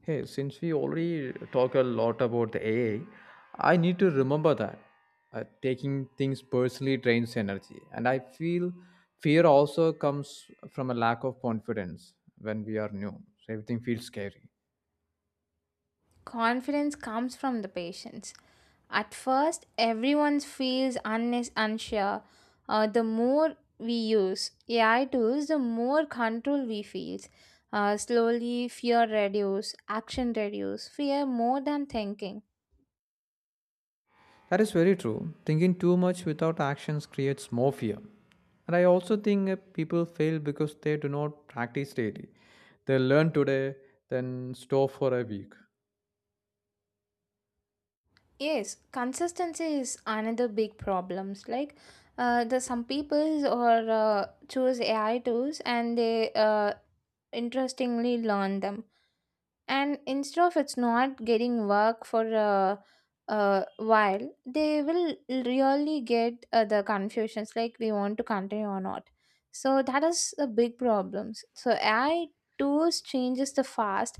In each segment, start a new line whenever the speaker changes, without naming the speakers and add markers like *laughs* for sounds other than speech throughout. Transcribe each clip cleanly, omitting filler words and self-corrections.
Hey, since we already talk a lot about the AA, I need to remember that taking things personally drains energy, and I feel fear also comes from a lack of confidence when we are new. So everything feels scary.
Confidence comes from the patience. At first, everyone feels unsure. The more we use AI tools, the more control we feel. Slowly, fear reduce, action reduce, fear more than thinking.
That is very true. Thinking too much without actions creates more fear. And I also think people fail because they do not practice daily. They learn today, then store for a week.
Yes, consistency is another big problems. Like, the some people or choose AI tools, and they interestingly learn them, and instead of it's not getting work for a while, they will really get the confusions like we want to continue or not. So that is a big problem. So AI tools changes the fast.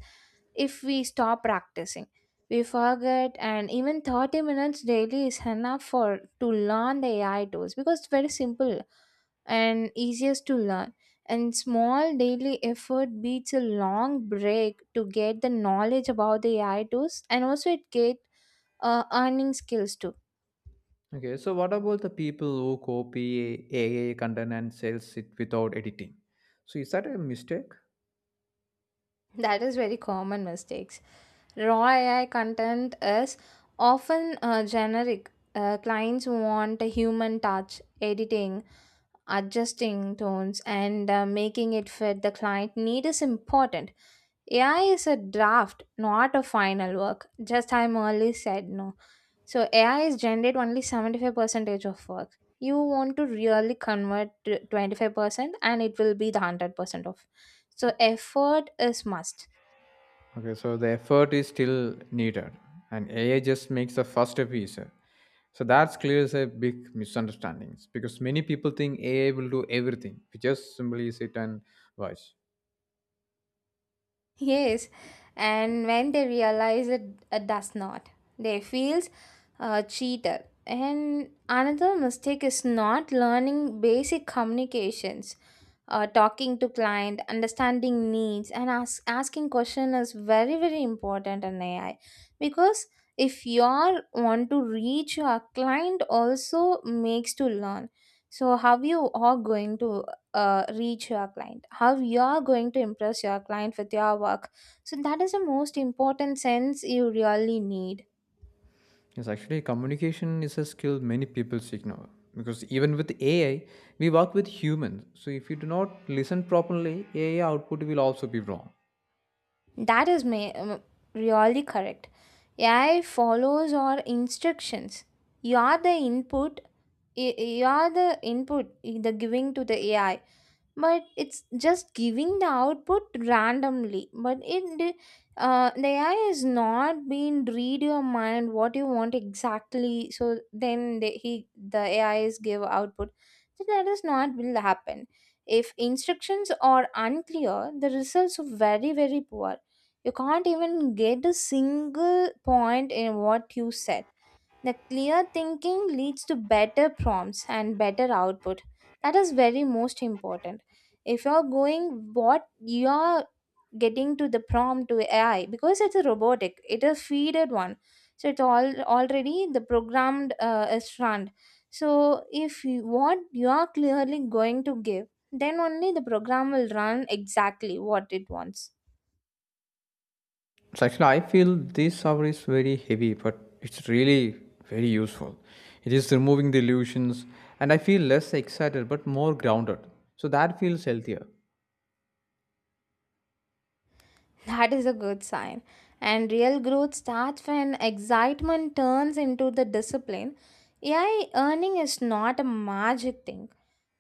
If we stop practicing, we forget, and even 30 minutes daily is enough for to learn the AI tools because it's very simple and easiest to learn. And small daily effort beats a long break to get the knowledge about the AI tools, and also it get earning skills too.
Okay, so what about the people who copy AI content and sells it without editing? So is that a mistake?
*laughs* That is very common mistakes. Raw AI content is often generic. Clients want a human touch, editing, adjusting tones, and making it fit the client need is important. AI is a draft, not a final work. Just I'm early said no. So AI is generate only 75% of work. You want to really convert to 25% and it will be the 100% of. So effort is must.
Okay, so the effort is still needed, and AI just makes the first step easier. So that clears a big misunderstandings because many people think AI will do everything. We just simply sit and watch.
Yes, and when they realize it, it does not, they feels cheated. And another mistake is not learning basic communications, talking to client, understanding needs, and asking question is very very important in AI because if you all want to reach your client, also makes to learn. So how you are going to reach your client, how you are going to impress your client with your work, so that is the most important sense you really need.
Yes, actually, communication is a skill many people ignore because even with AI, we work with humans. So if you do not listen properly, AI output will also be wrong.
That is really correct. AI follows our instructions. You are the input. You are the input the giving to the AI, but it's just giving the output randomly, but it the AI is not being read your mind what you want exactly, so then the AI is give output, so that is not will happen. If instructions are unclear, the results are very very poor. You can't even get a single point in what you said. The clear thinking leads to better prompts and better output. That is very most important. If you're going what you're getting to the prompt to AI because it's a robotic, it is feeded one. So it all already the programmed is run. So if you, what you are clearly going to give, then only the program will run exactly what it wants.
So actually, I feel this shower is very heavy, but it's really very useful. It is removing the illusions, and I feel less excited but more grounded. So that feels healthier.
That is a good sign. And real growth starts when excitement turns into the discipline. AI earning is not a magic thing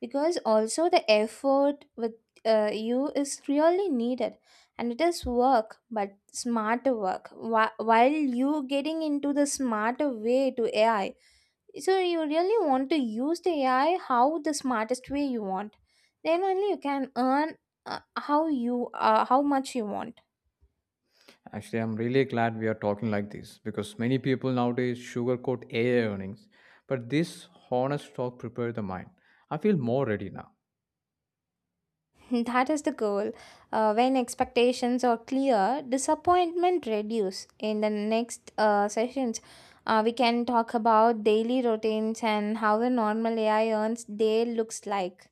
because also the effort with you is really needed, and it is work but smarter work while you getting into the smarter way to AI. So you really want to use the AI how the smartest way you want. Then only you can earn how much you want.
Actually, I'm really glad we are talking like this because many people nowadays sugarcoat AI earnings, but this honest talk prepared the mind. I feel more ready now.
*laughs* That is the goal. When expectations are clear, disappointment reduce. In the next sessions, we can talk about daily routines and how a normal AI earns day looks like.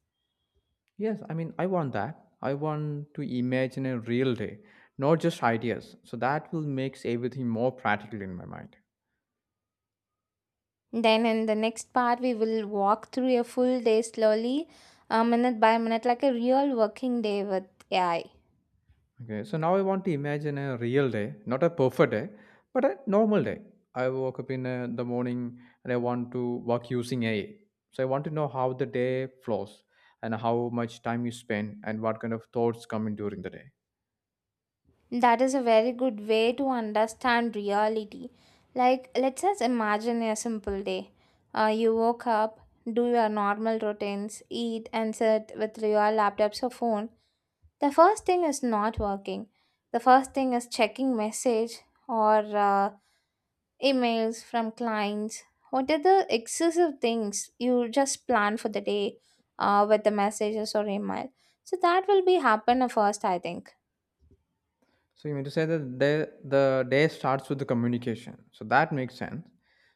Yes, I mean, I want that. I want to imagine a real day, not just ideas. So that will makes everything more practical in my mind.
Then in the next part, we will walk through a full day slowly, minute by minute, like a real working day with AI.
Okay, so now I want to imagine a real day, not a perfect day, but a normal day. I woke up in the morning and I want to work using AI. So I want to know how the day flows and how much time you spend and what kind of thoughts come in during the day.
That is a very good way to understand reality. Like, let's just imagine a simple day. You woke up, do your normal routines, eat, and sit with your laptops or phone. The first thing is not working. The first thing is checking message or emails from clients. What are the excessive things you just plan for the day with the messages or email? So that will be happen first, I think.
So you mean to say that the day starts with the communication. So that makes sense.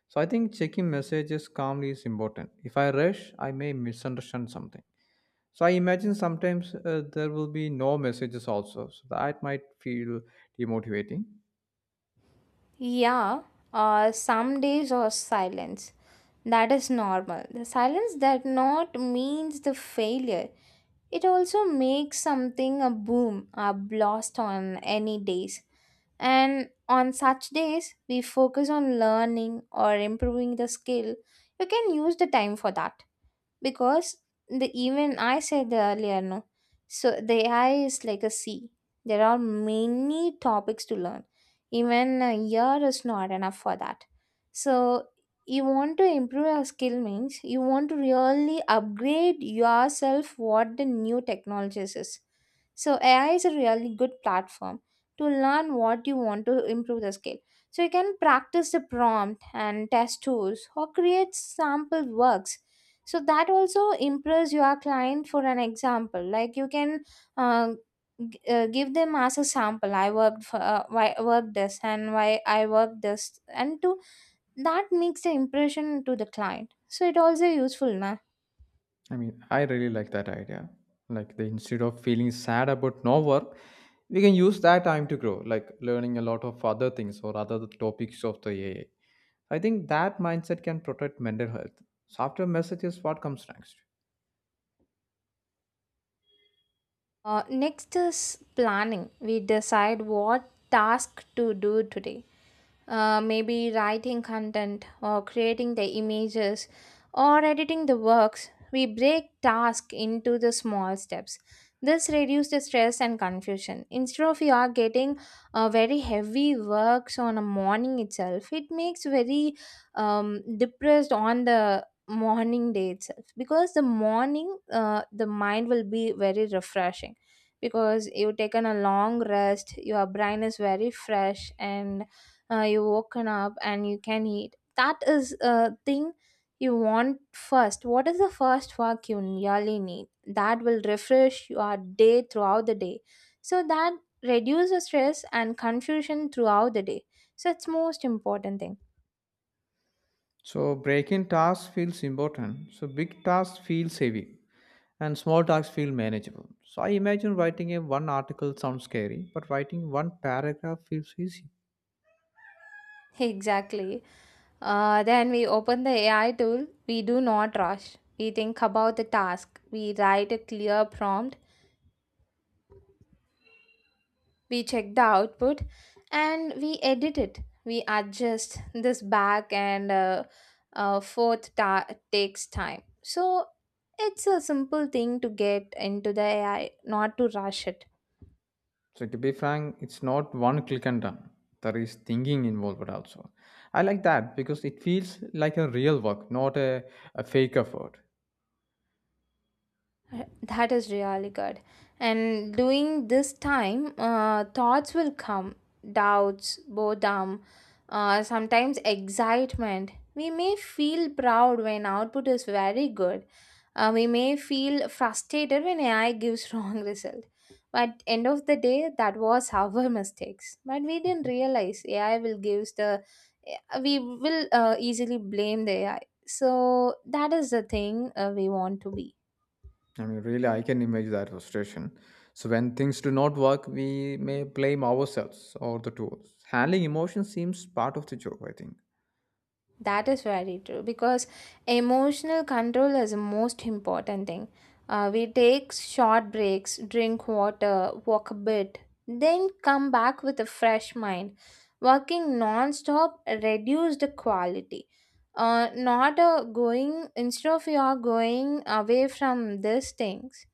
So I think checking messages calmly is important. If I rush, I may misunderstand something. So I imagine sometimes there will be no messages also. So that might feel demotivating.
Yeah, some days are silence. That is normal. The silence that not means the failure. It also makes something a boom, a blast on any days. And on such days, we focus on learning or improving the skill. You can use the time for that because the even I said earlier no, so the AI is like a sea. There are many topics to learn. Even a year is not enough for that. So you want to improve your skill means you want to really upgrade yourself what the new technologies is. So AI is a really good platform to learn what you want to improve the skill. So you can practice the prompt and test tools or create sample works, so that also impress your client. For an example, like, you can uh, give them as a sample I worked for why I worked this and why I worked this and to that makes the impression to the client, so it also useful na.
I mean, I really like that idea. Like the instead of feeling sad about no work, we can use that time to grow, like learning a lot of other things or other topics of the AI. I So, I think that mindset can protect mental health. So after messages, what comes next?
Next is planning. We decide what task to do today, maybe writing content or creating the images or editing the works. We break tasks into the small steps. This reduces the stress and confusion. Instead of you are getting very heavy works on a morning itself, it makes very depressed on the morning day itself because the morning the mind will be very refreshing because you've taken a long rest, your brain is very fresh, and you woken up and you can eat. That is a thing you want first. What is the first work you really need that will refresh your day throughout the day? So that reduces stress and confusion throughout the day. So it's most important thing.
So breaking tasks feels important. So big tasks feels heavy. And small tasks feel manageable. So I imagine writing a one article sounds scary, but writing one paragraph feels easy.
*laughs* Exactly. Then we open the AI tool. We do not rush. We think about the task. We write a clear prompt, we check the output, and we edit it. We adjust this back and forth. Takes time, so it's a simple thing to get into the AI, not to rush it.
So to be frank, it's not one click and done. There is thinking involved also. I like that because it feels like a real work, not a fake effort.
That is really good. And during this time, thoughts will come, doubts, boredom, sometimes excitement. We may feel proud when output is very good. We may feel frustrated when AI gives *laughs* wrong result. But end of the day, that was our *laughs* mistakes. But we didn't realize AI will gives the we will easily blame the AI. So that is the thing we want to be.
I mean, really, I can imagine that frustration. So when things do not work, we may blame ourselves or the tools. Handling emotions seems part of the job, I think.
That is very true because emotional control is the most important thing. We take short breaks, drink water, walk a bit, then come back with a fresh mind. Working non stop reduces the quality. Not a going, instead of you are going away from these things,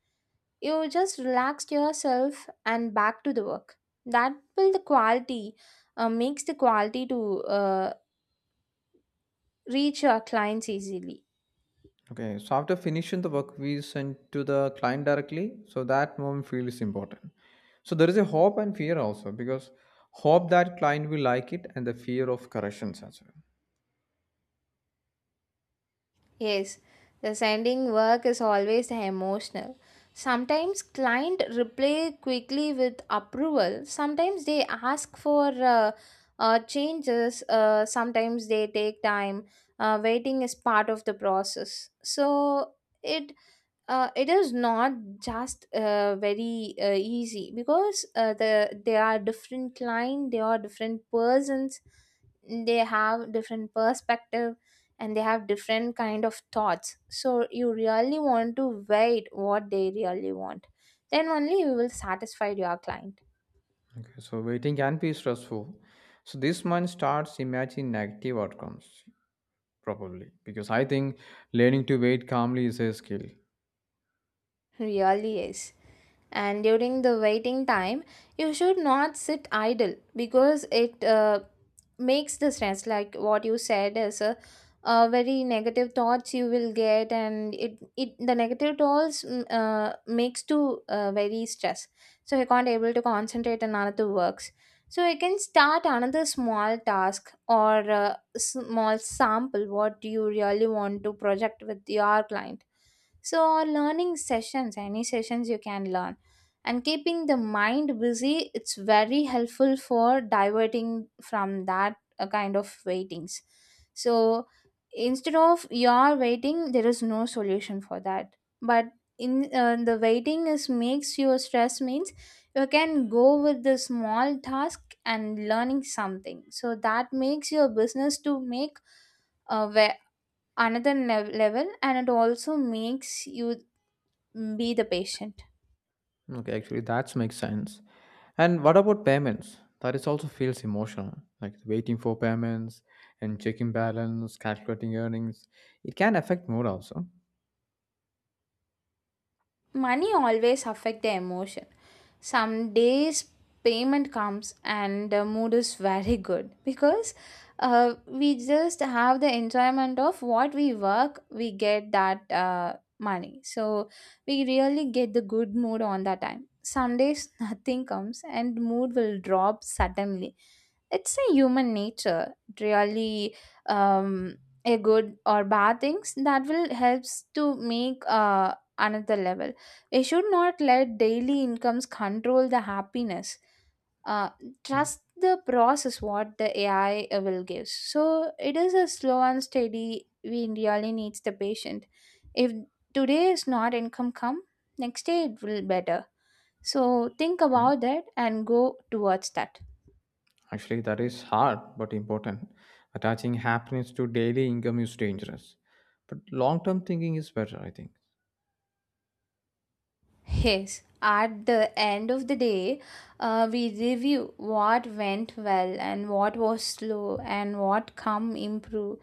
you just relax yourself and back to the work. That will the quality, makes the quality to uh, reach your clients easily.
Okay, so after finishing the work, we send to the client directly. So that moment feels important. So there is a hope and fear also because hope that client will like it and the fear of corrections as well.
Yes, the sending work is always emotional. Sometimes client reply quickly with approval. Sometimes they ask for changes. Sometimes they take time. Waiting is part of the process. So it it is not just very easy because the they are different client, they are different persons. They have different perspective, and they have different kind of thoughts. So you really want to wait what they really want. Then only you will satisfy your client.
Okay, so waiting can be stressful. So this mind starts imagining negative outcomes probably because I think learning to wait calmly is a skill.
Really is. And during the waiting time, you should not sit idle because it makes the stress. Like what you said, is a very negative thoughts you will get, and it the negative thoughts makes to very stress. So you can't able to concentrate on another works. So you can start another small task or small sample what you really want to project with your client. So learning sessions any sessions you can learn, and keeping the mind busy, it's very helpful for diverting from that kind of waitings. So instead of you're waiting, there is no solution for that. But in the waiting is makes you stress means you can go with the small task and learning something, so that makes your business to make where another level, and it also makes you be the patient.
Okay, actually, that makes sense. And what about payments? That is also feels emotional, like waiting for payments and checking balance, calculating earnings. It can affect mood also.
Money always affect the emotion. Some days payment comes and the mood is very good because we just have the enjoyment of what we work, we get that money. So we really get the good mood on that time. Some days *laughs* nothing comes and mood will drop suddenly. It's a human nature. Really, um, a good or bad things that will helps to make another level I should not let daily incomes control the happiness. Uh, trust the process what the AI will give. So it is a slow and steady. We really needs the patient. If today is not income come, next day it will better. So think
Okay.
about that and go towards that.
Actually, that is hard but important. Attaching happiness to daily income is dangerous, but long-term thinking is better, I think.
Yes, at the end of the day, we review what went well and what was slow and what come improve.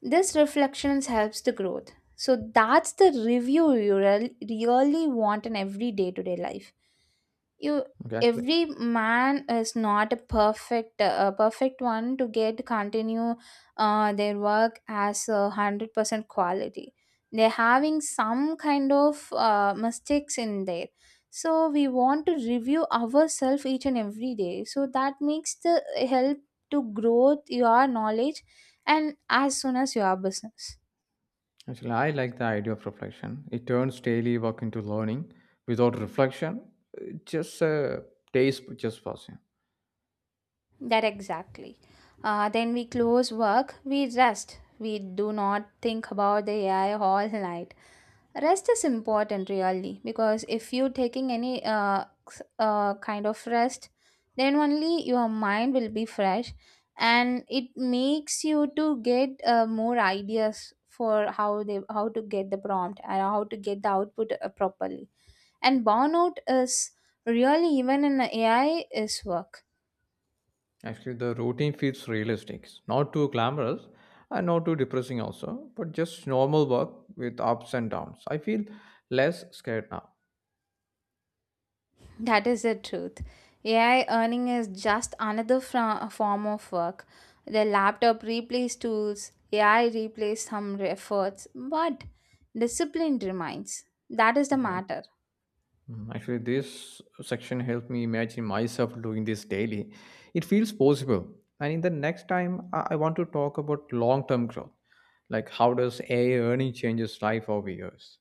This reflections helps the growth. So that's the review you really want in every day to day life you
Okay, actually,
every man is not a perfect a perfect one to get continue their work as 100% quality. They're having some kind of mistakes in there, so we want to review ourselves each and every day, so that makes the help to grow your knowledge and as soon as your business.
actually, I like the idea of reflection. It turns daily work into learning. Without reflection, just days just passing.
That exactly. Then we close work, we rest. We do not think about the AI all night. Rest is important, really, because if you're taking any kind of rest, then only your mind will be fresh, and it makes you to get more ideas for how to get the prompt and how to get the output properly. And burnout is really even in AI is work.
Actually, the routine feels realistic, not too glamorous and not too depressing, also, but just normal work with ups and downs. I feel less scared now.
That is the truth. AI earning is just another form of work. The laptop replaced tools, AI replaced some efforts, but discipline remains. That is the
Okay.
matter.
Mm, actually, this section helped me imagine myself doing this daily. It feels possible. And in the next time, I want to talk about long term growth. Like, how does AI earning changes life over years?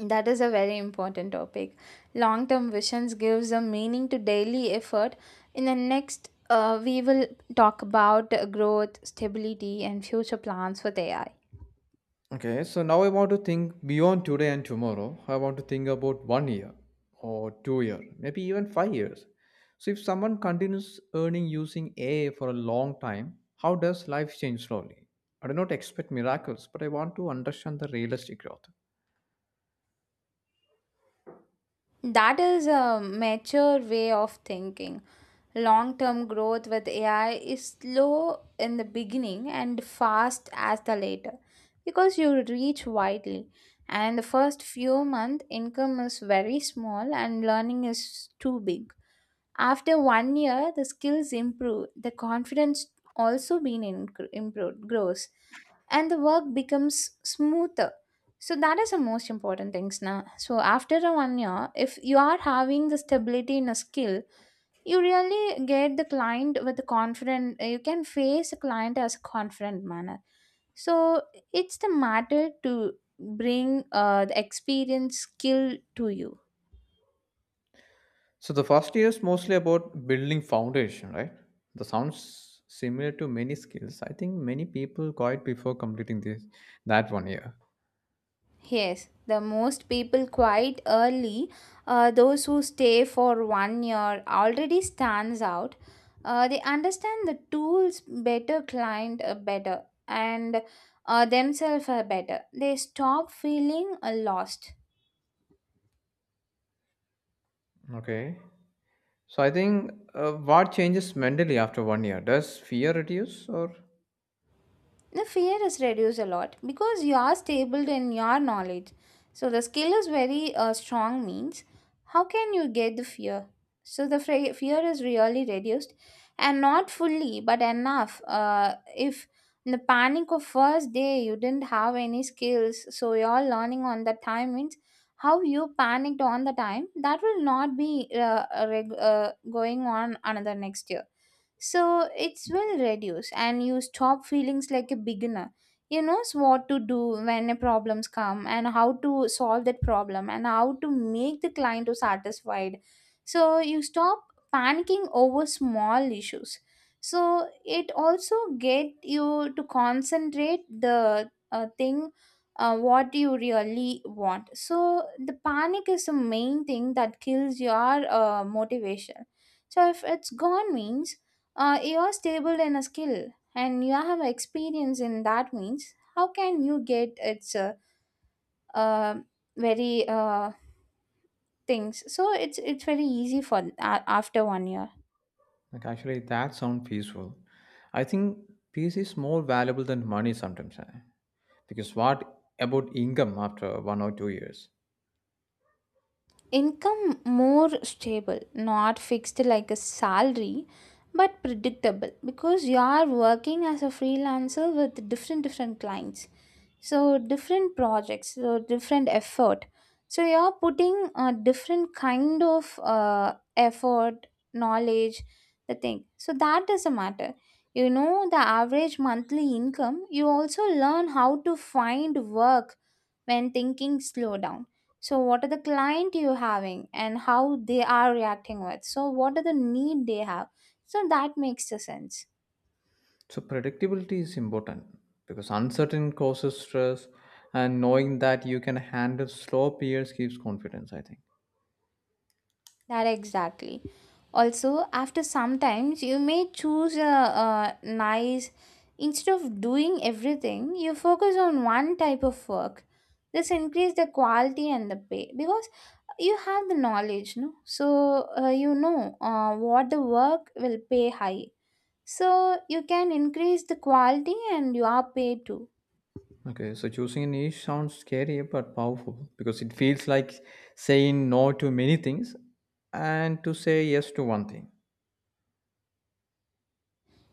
That is a very important topic. Long term visions gives a meaning to daily effort. In the next, we will talk about growth, stability, and future plans with AI.
Okay, so now I want to think beyond today and tomorrow. I want to think about 1 year or 2 year, maybe even 5 years. So if someone continues earning using AI for a long time, how does life change slowly? I do not expect miracles, but I want to understand the realistic growth.
That is a mature way of thinking. Long term growth with AI is slow in the beginning and fast as the later because you reach widely. And the first few months, income is very small and learning is too big. After 1 year, the skills improve, the confidence also being improved, grows, and the work becomes smoother. So that is the most important things now. So after a 1 year, if you are having the stability in a skill, you really get the client with the confident. You can face the client as a confident manner. So it's the matter to bring the experience skill to you.
So the first year is mostly about building foundation, right? That sounds similar to many skills. I think many people quit before completing this that 1 year.
Yes, the most people quite early, those who stay for 1 year already stands out. They understand the tools better, client better, and themselves are better. They stop feeling lost.
Okay. So I think what changes mentally after 1 year? Does fear reduce or
The fear is reduced a lot because you are stable in your knowledge. So the skill is very strong means how can you get the fear? So the fear is really reduced and not fully but enough. If in the panic of first day you didn't have any skills, so you're learning on the time means how you panicked on the time that will not be going on another next year, so it's will reduce and you stop feelings like a beginner. You knows what to do when a problems come and how to solve that problem and how to make the client to satisfied. So you stop panicking over small issues. So it also get you to concentrate the thing what you really want. So the panic is the main thing that kills your motivation. So if it's gone means you're stable in a skill and you have experience in that means how can you get its uh, very things, so it's very easy for a after 1 year.
like actually that sound peaceful? I think peace is more valuable than money sometimes. Eh? Because what about income after 1 or 2 years?
Income more stable, not fixed like a salary, but predictable because you are working as a freelancer with different different clients, so different projects, so different effort, so you're putting a different kind of effort, knowledge, the thing, so that doesn't matter. You know the average monthly income, you also learn how to find work when thinking slow down. So what are the client you having and how they are reacting with, so what are the need they have, so that makes the sense.
So predictability is important because uncertain causes stress and knowing that you can handle slow periods gives confidence, I think.
That exactly. Also, after sometimes you may choose a nice, instead of doing everything, you focus on one type of work. This increase the quality and the pay because you have the knowledge, no? So you know what the work will pay high. So you can increase the quality and your pay too.
Okay, so choosing a niche sounds scary but powerful because it feels like saying no to many things and to say yes to one thing.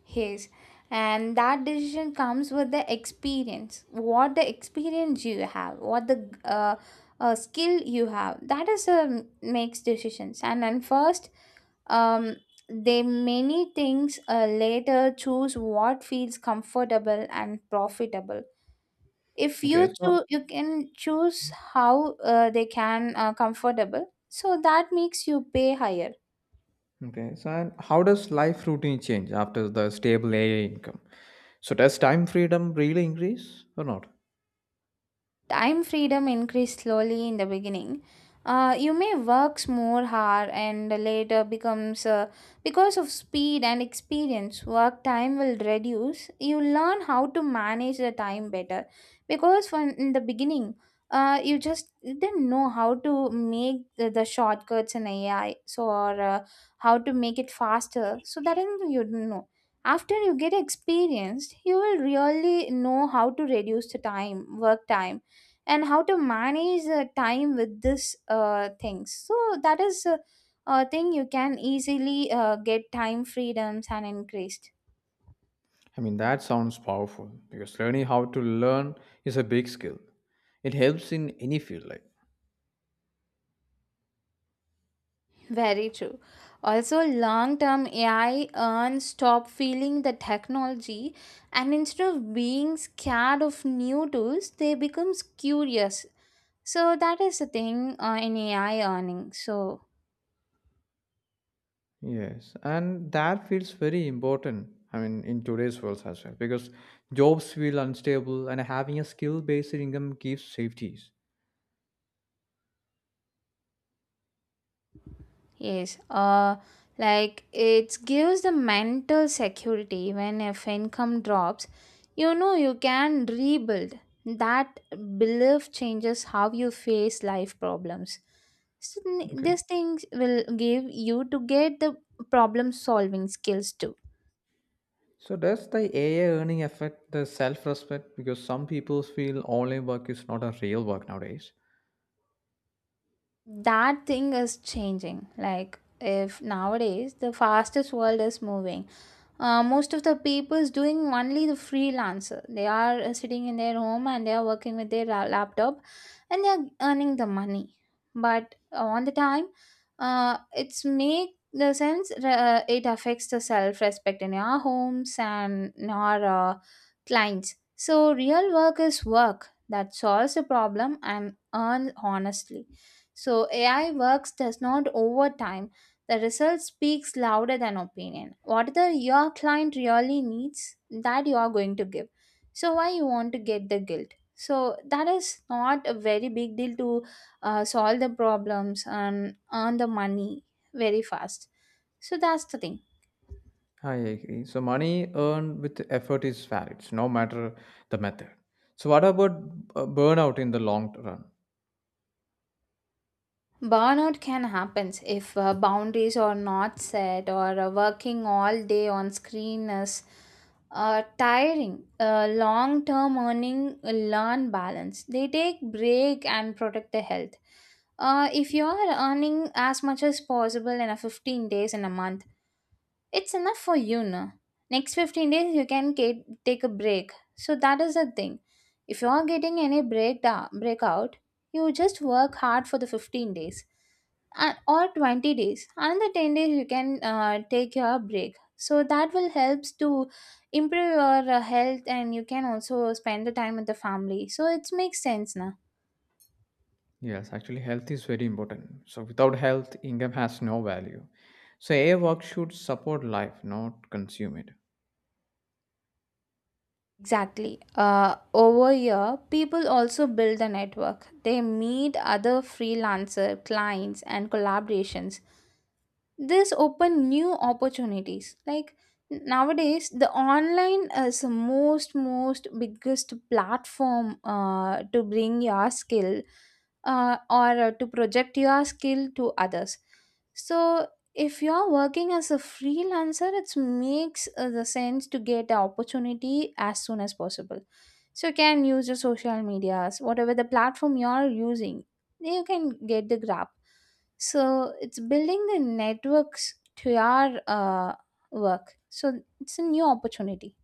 Yes, and that decision comes with the experience. What the experience you have, what the skill you have, that is a makes decisions. And then first, um, they many things later choose what feels comfortable and profitable. If
Okay,
you
so
choose, you can choose how they can comfortable. So that makes you pay higher.
okay, so and how does life routine change after the stable AA income? So does time freedom really increase or not?
Time freedom increased slowly in the beginning. You may works more hard and later becomes because of speed and experience work time will reduce. You learn how to manage the time better because from in the beginning you just didn't know how to make the shortcuts in ai so or how to make it faster, so that is- you didn't know. After you get experienced you will really know how to reduce the time, work time, and how to manage the time with this things. So that is a thing you can easily get time freedoms and increased.
I mean that sounds powerful because learning how to learn is a big skill. It helps in any field like.
Very true. Also, long term AI earns stop feeling the technology, and instead of being scared of new tools, they becomes curious. So that is the thing in AI earning. So
Yes, and that feels very important. I mean, in today's world as well, because jobs feel unstable, and having a skill-based income gives safeties.
yes, like it gives the mental security when if income drops, you know you can rebuild. That belief changes how you face life problems. So
Okay.
these things will give you to get the problem solving skills too.
So does the AI earning affect the self-respect? Because some people feel online work is not a real work nowadays.
That thing is changing, like if nowadays the fastest world is moving, most of the people is doing only the freelancer. They are sitting in their home and they are working with their laptop and they are earning the money. But on the time, it's make the sense, it affects the self-respect in our homes and in our clients. So, real work is work that solves a problem and earns honestly. So, AI works does not over time. The result speaks louder than opinion. Whatever your client really needs, that you are going to give. So, why you want to get the guilt? So, that is not a very big deal to solve the problems and earn the money very fast. So, that's the thing.
I agree. So money earned with effort is valid, no matter the method. So what about burnout in the long run?
Burnout can happen if boundaries are not set, or working all day on screen is tiring. Long term earning learn balance. They take break and protect the health. If you are earning as much as possible in a 15 days in a month, it's enough for you, no? Next 15 days, you can get, take a break. So that is the thing. If you are getting any break breakout, you just work hard for the 15 days or 20 days. Another 10 days, you can take your break. So that will helps to improve your health and you can also spend the time with the family. So it makes sense, na?
Yes, actually, health is very important. So, without health, income has no value. So, AI work should support life, not consume it.
Exactly. Over here, people also build a network. They meet other freelancer clients and collaborations. This open new opportunities, like nowadays the online is the most biggest platform to bring your skill or to project your skill to others. So if you're working as a freelancer, it makes the sense to get the opportunity as soon as possible. So you can use your social medias, whatever the platform you're using, you can get the grab. So it's building the networks to our work, so it's a new opportunity.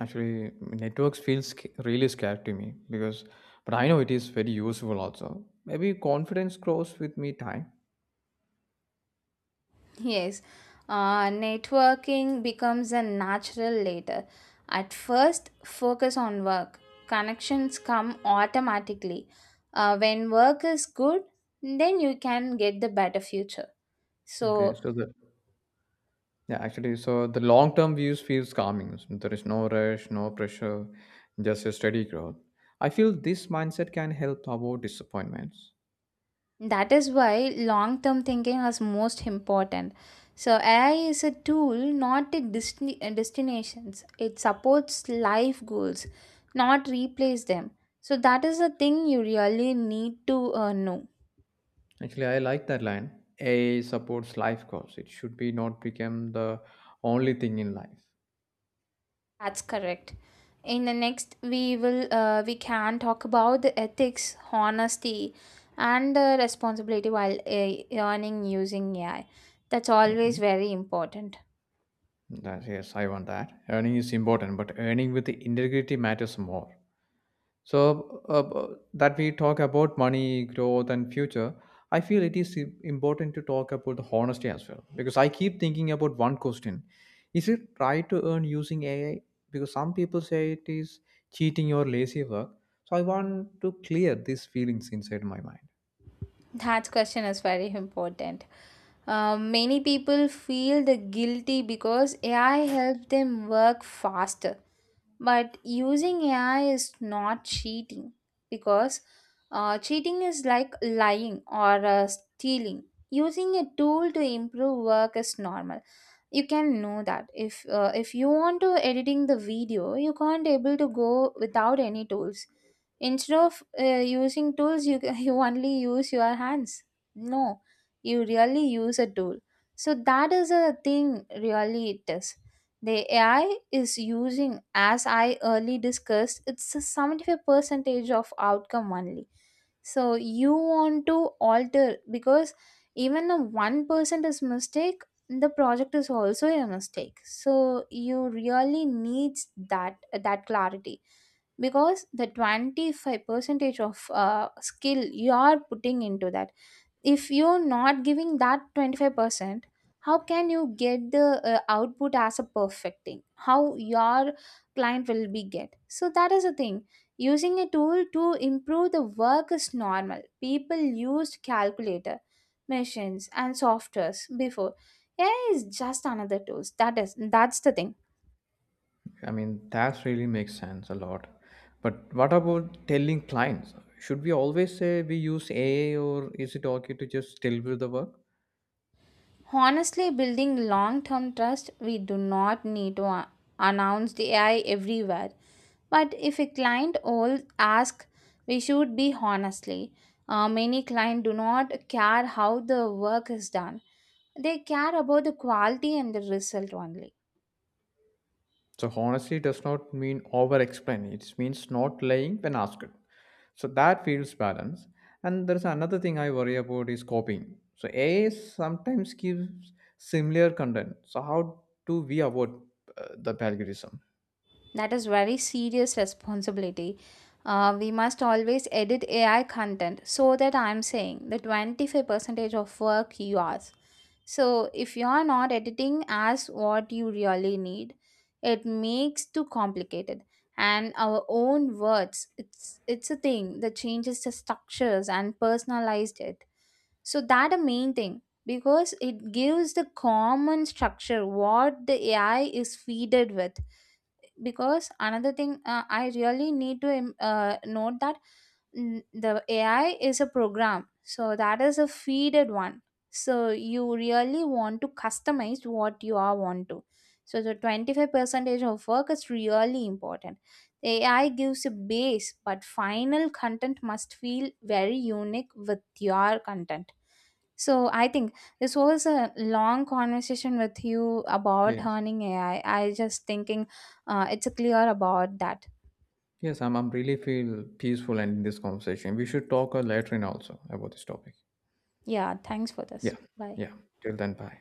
Actually, networks feels really scared to me because, but I know it is very useful also. Maybe confidence grows with me time.
Yes, networking becomes a natural later. At first focus on work, connections come automatically when work is good. Then you can get the better future.
Okay,
So
so the Yeah, actually, so the long term views feels calming. There is no rush, no pressure, just a steady growth. I feel this mindset can help avoid disappointments.
that is why long term thinking is most important. So, AI is a tool, not a a destinations. It supports life goals, not replace them. So, that is the thing you really need to know.
Actually, I like that line. AI supports life goals. It should be not become the only thing in life.
That's correct. In the next, we will we can talk about the ethics, honesty, and the responsibility while earning using AI. That's always
Okay.
very important.
That, yes, I want that. Earning is important, but earning with the integrity matters more. So that we talk about money, growth, and future. I feel it is important to talk about the honesty as well because I keep thinking about one question: Is it right to earn using AI? Because some people say it is cheating or lazy work. So I want to clear these feelings inside my mind.
That question is very important. Many people feel the guilty because AI helps them work faster. But using AI is not cheating because cheating is like lying or stealing. Using a tool to improve work is normal. You can know that if you want to editing the video, you can't able to go without any tools. Instead of using tools, you *laughs* you only use your hands. No, you really use a tool. So that is a thing. Really, it is the AI is using, as I early discussed, it's a 75 percentage of outcome only. So you want to alter because even a 1% is mistake, the project is also a mistake. So you really needs that clarity because the 25 percentage of skill you are putting into that. If you're not giving that 25%, how can you get the output as a perfecting, how your client will be get? So that is the thing. Using a tool to improve the work is normal. People used calculator, machines and softwares before. Ai is just another tools, that is that's the thing.
I mean, that really makes sense a lot. But what about telling clients? Should we always say we use AI or is it okay to just deliver the work?
Honestly, building long term trust, we do not need to announce the AI everywhere. But if a client all ask, we should be honestly. Many clients do not care how the work is done. They care about the quality and the result only.
So honesty does not mean over explaining. It means not lying when asked. So that feels balanced. And there's another thing I worry about is copying. So AI sometimes gives similar content. So how do we avoid the plagiarism?
That is very serious responsibility. We must always edit AI content, so that I'm saying the 25 percentage of work yours. So if you are not editing as what you really need, it makes too complicated. And our own words, it's a thing that changes the structures and personalized it. So that a main thing because it gives the common structure what the AI is feeded with, because another thing I really need to note that, mm, the ai is a program, so that is a feeded one. So you really want to customize what you are want to. So the 25 percentage of work is really important. The ai gives a base, but final content must feel very unique with your content. So I think this was a long conversation with you about
Yes.
learning AI. I just thinking it's clear about that.
Yes, I'm really feel peaceful ending this conversation. We should talk later in also about this topic.
Yeah, thanks for this,
Yeah.
bye.
Yeah. Till then, bye.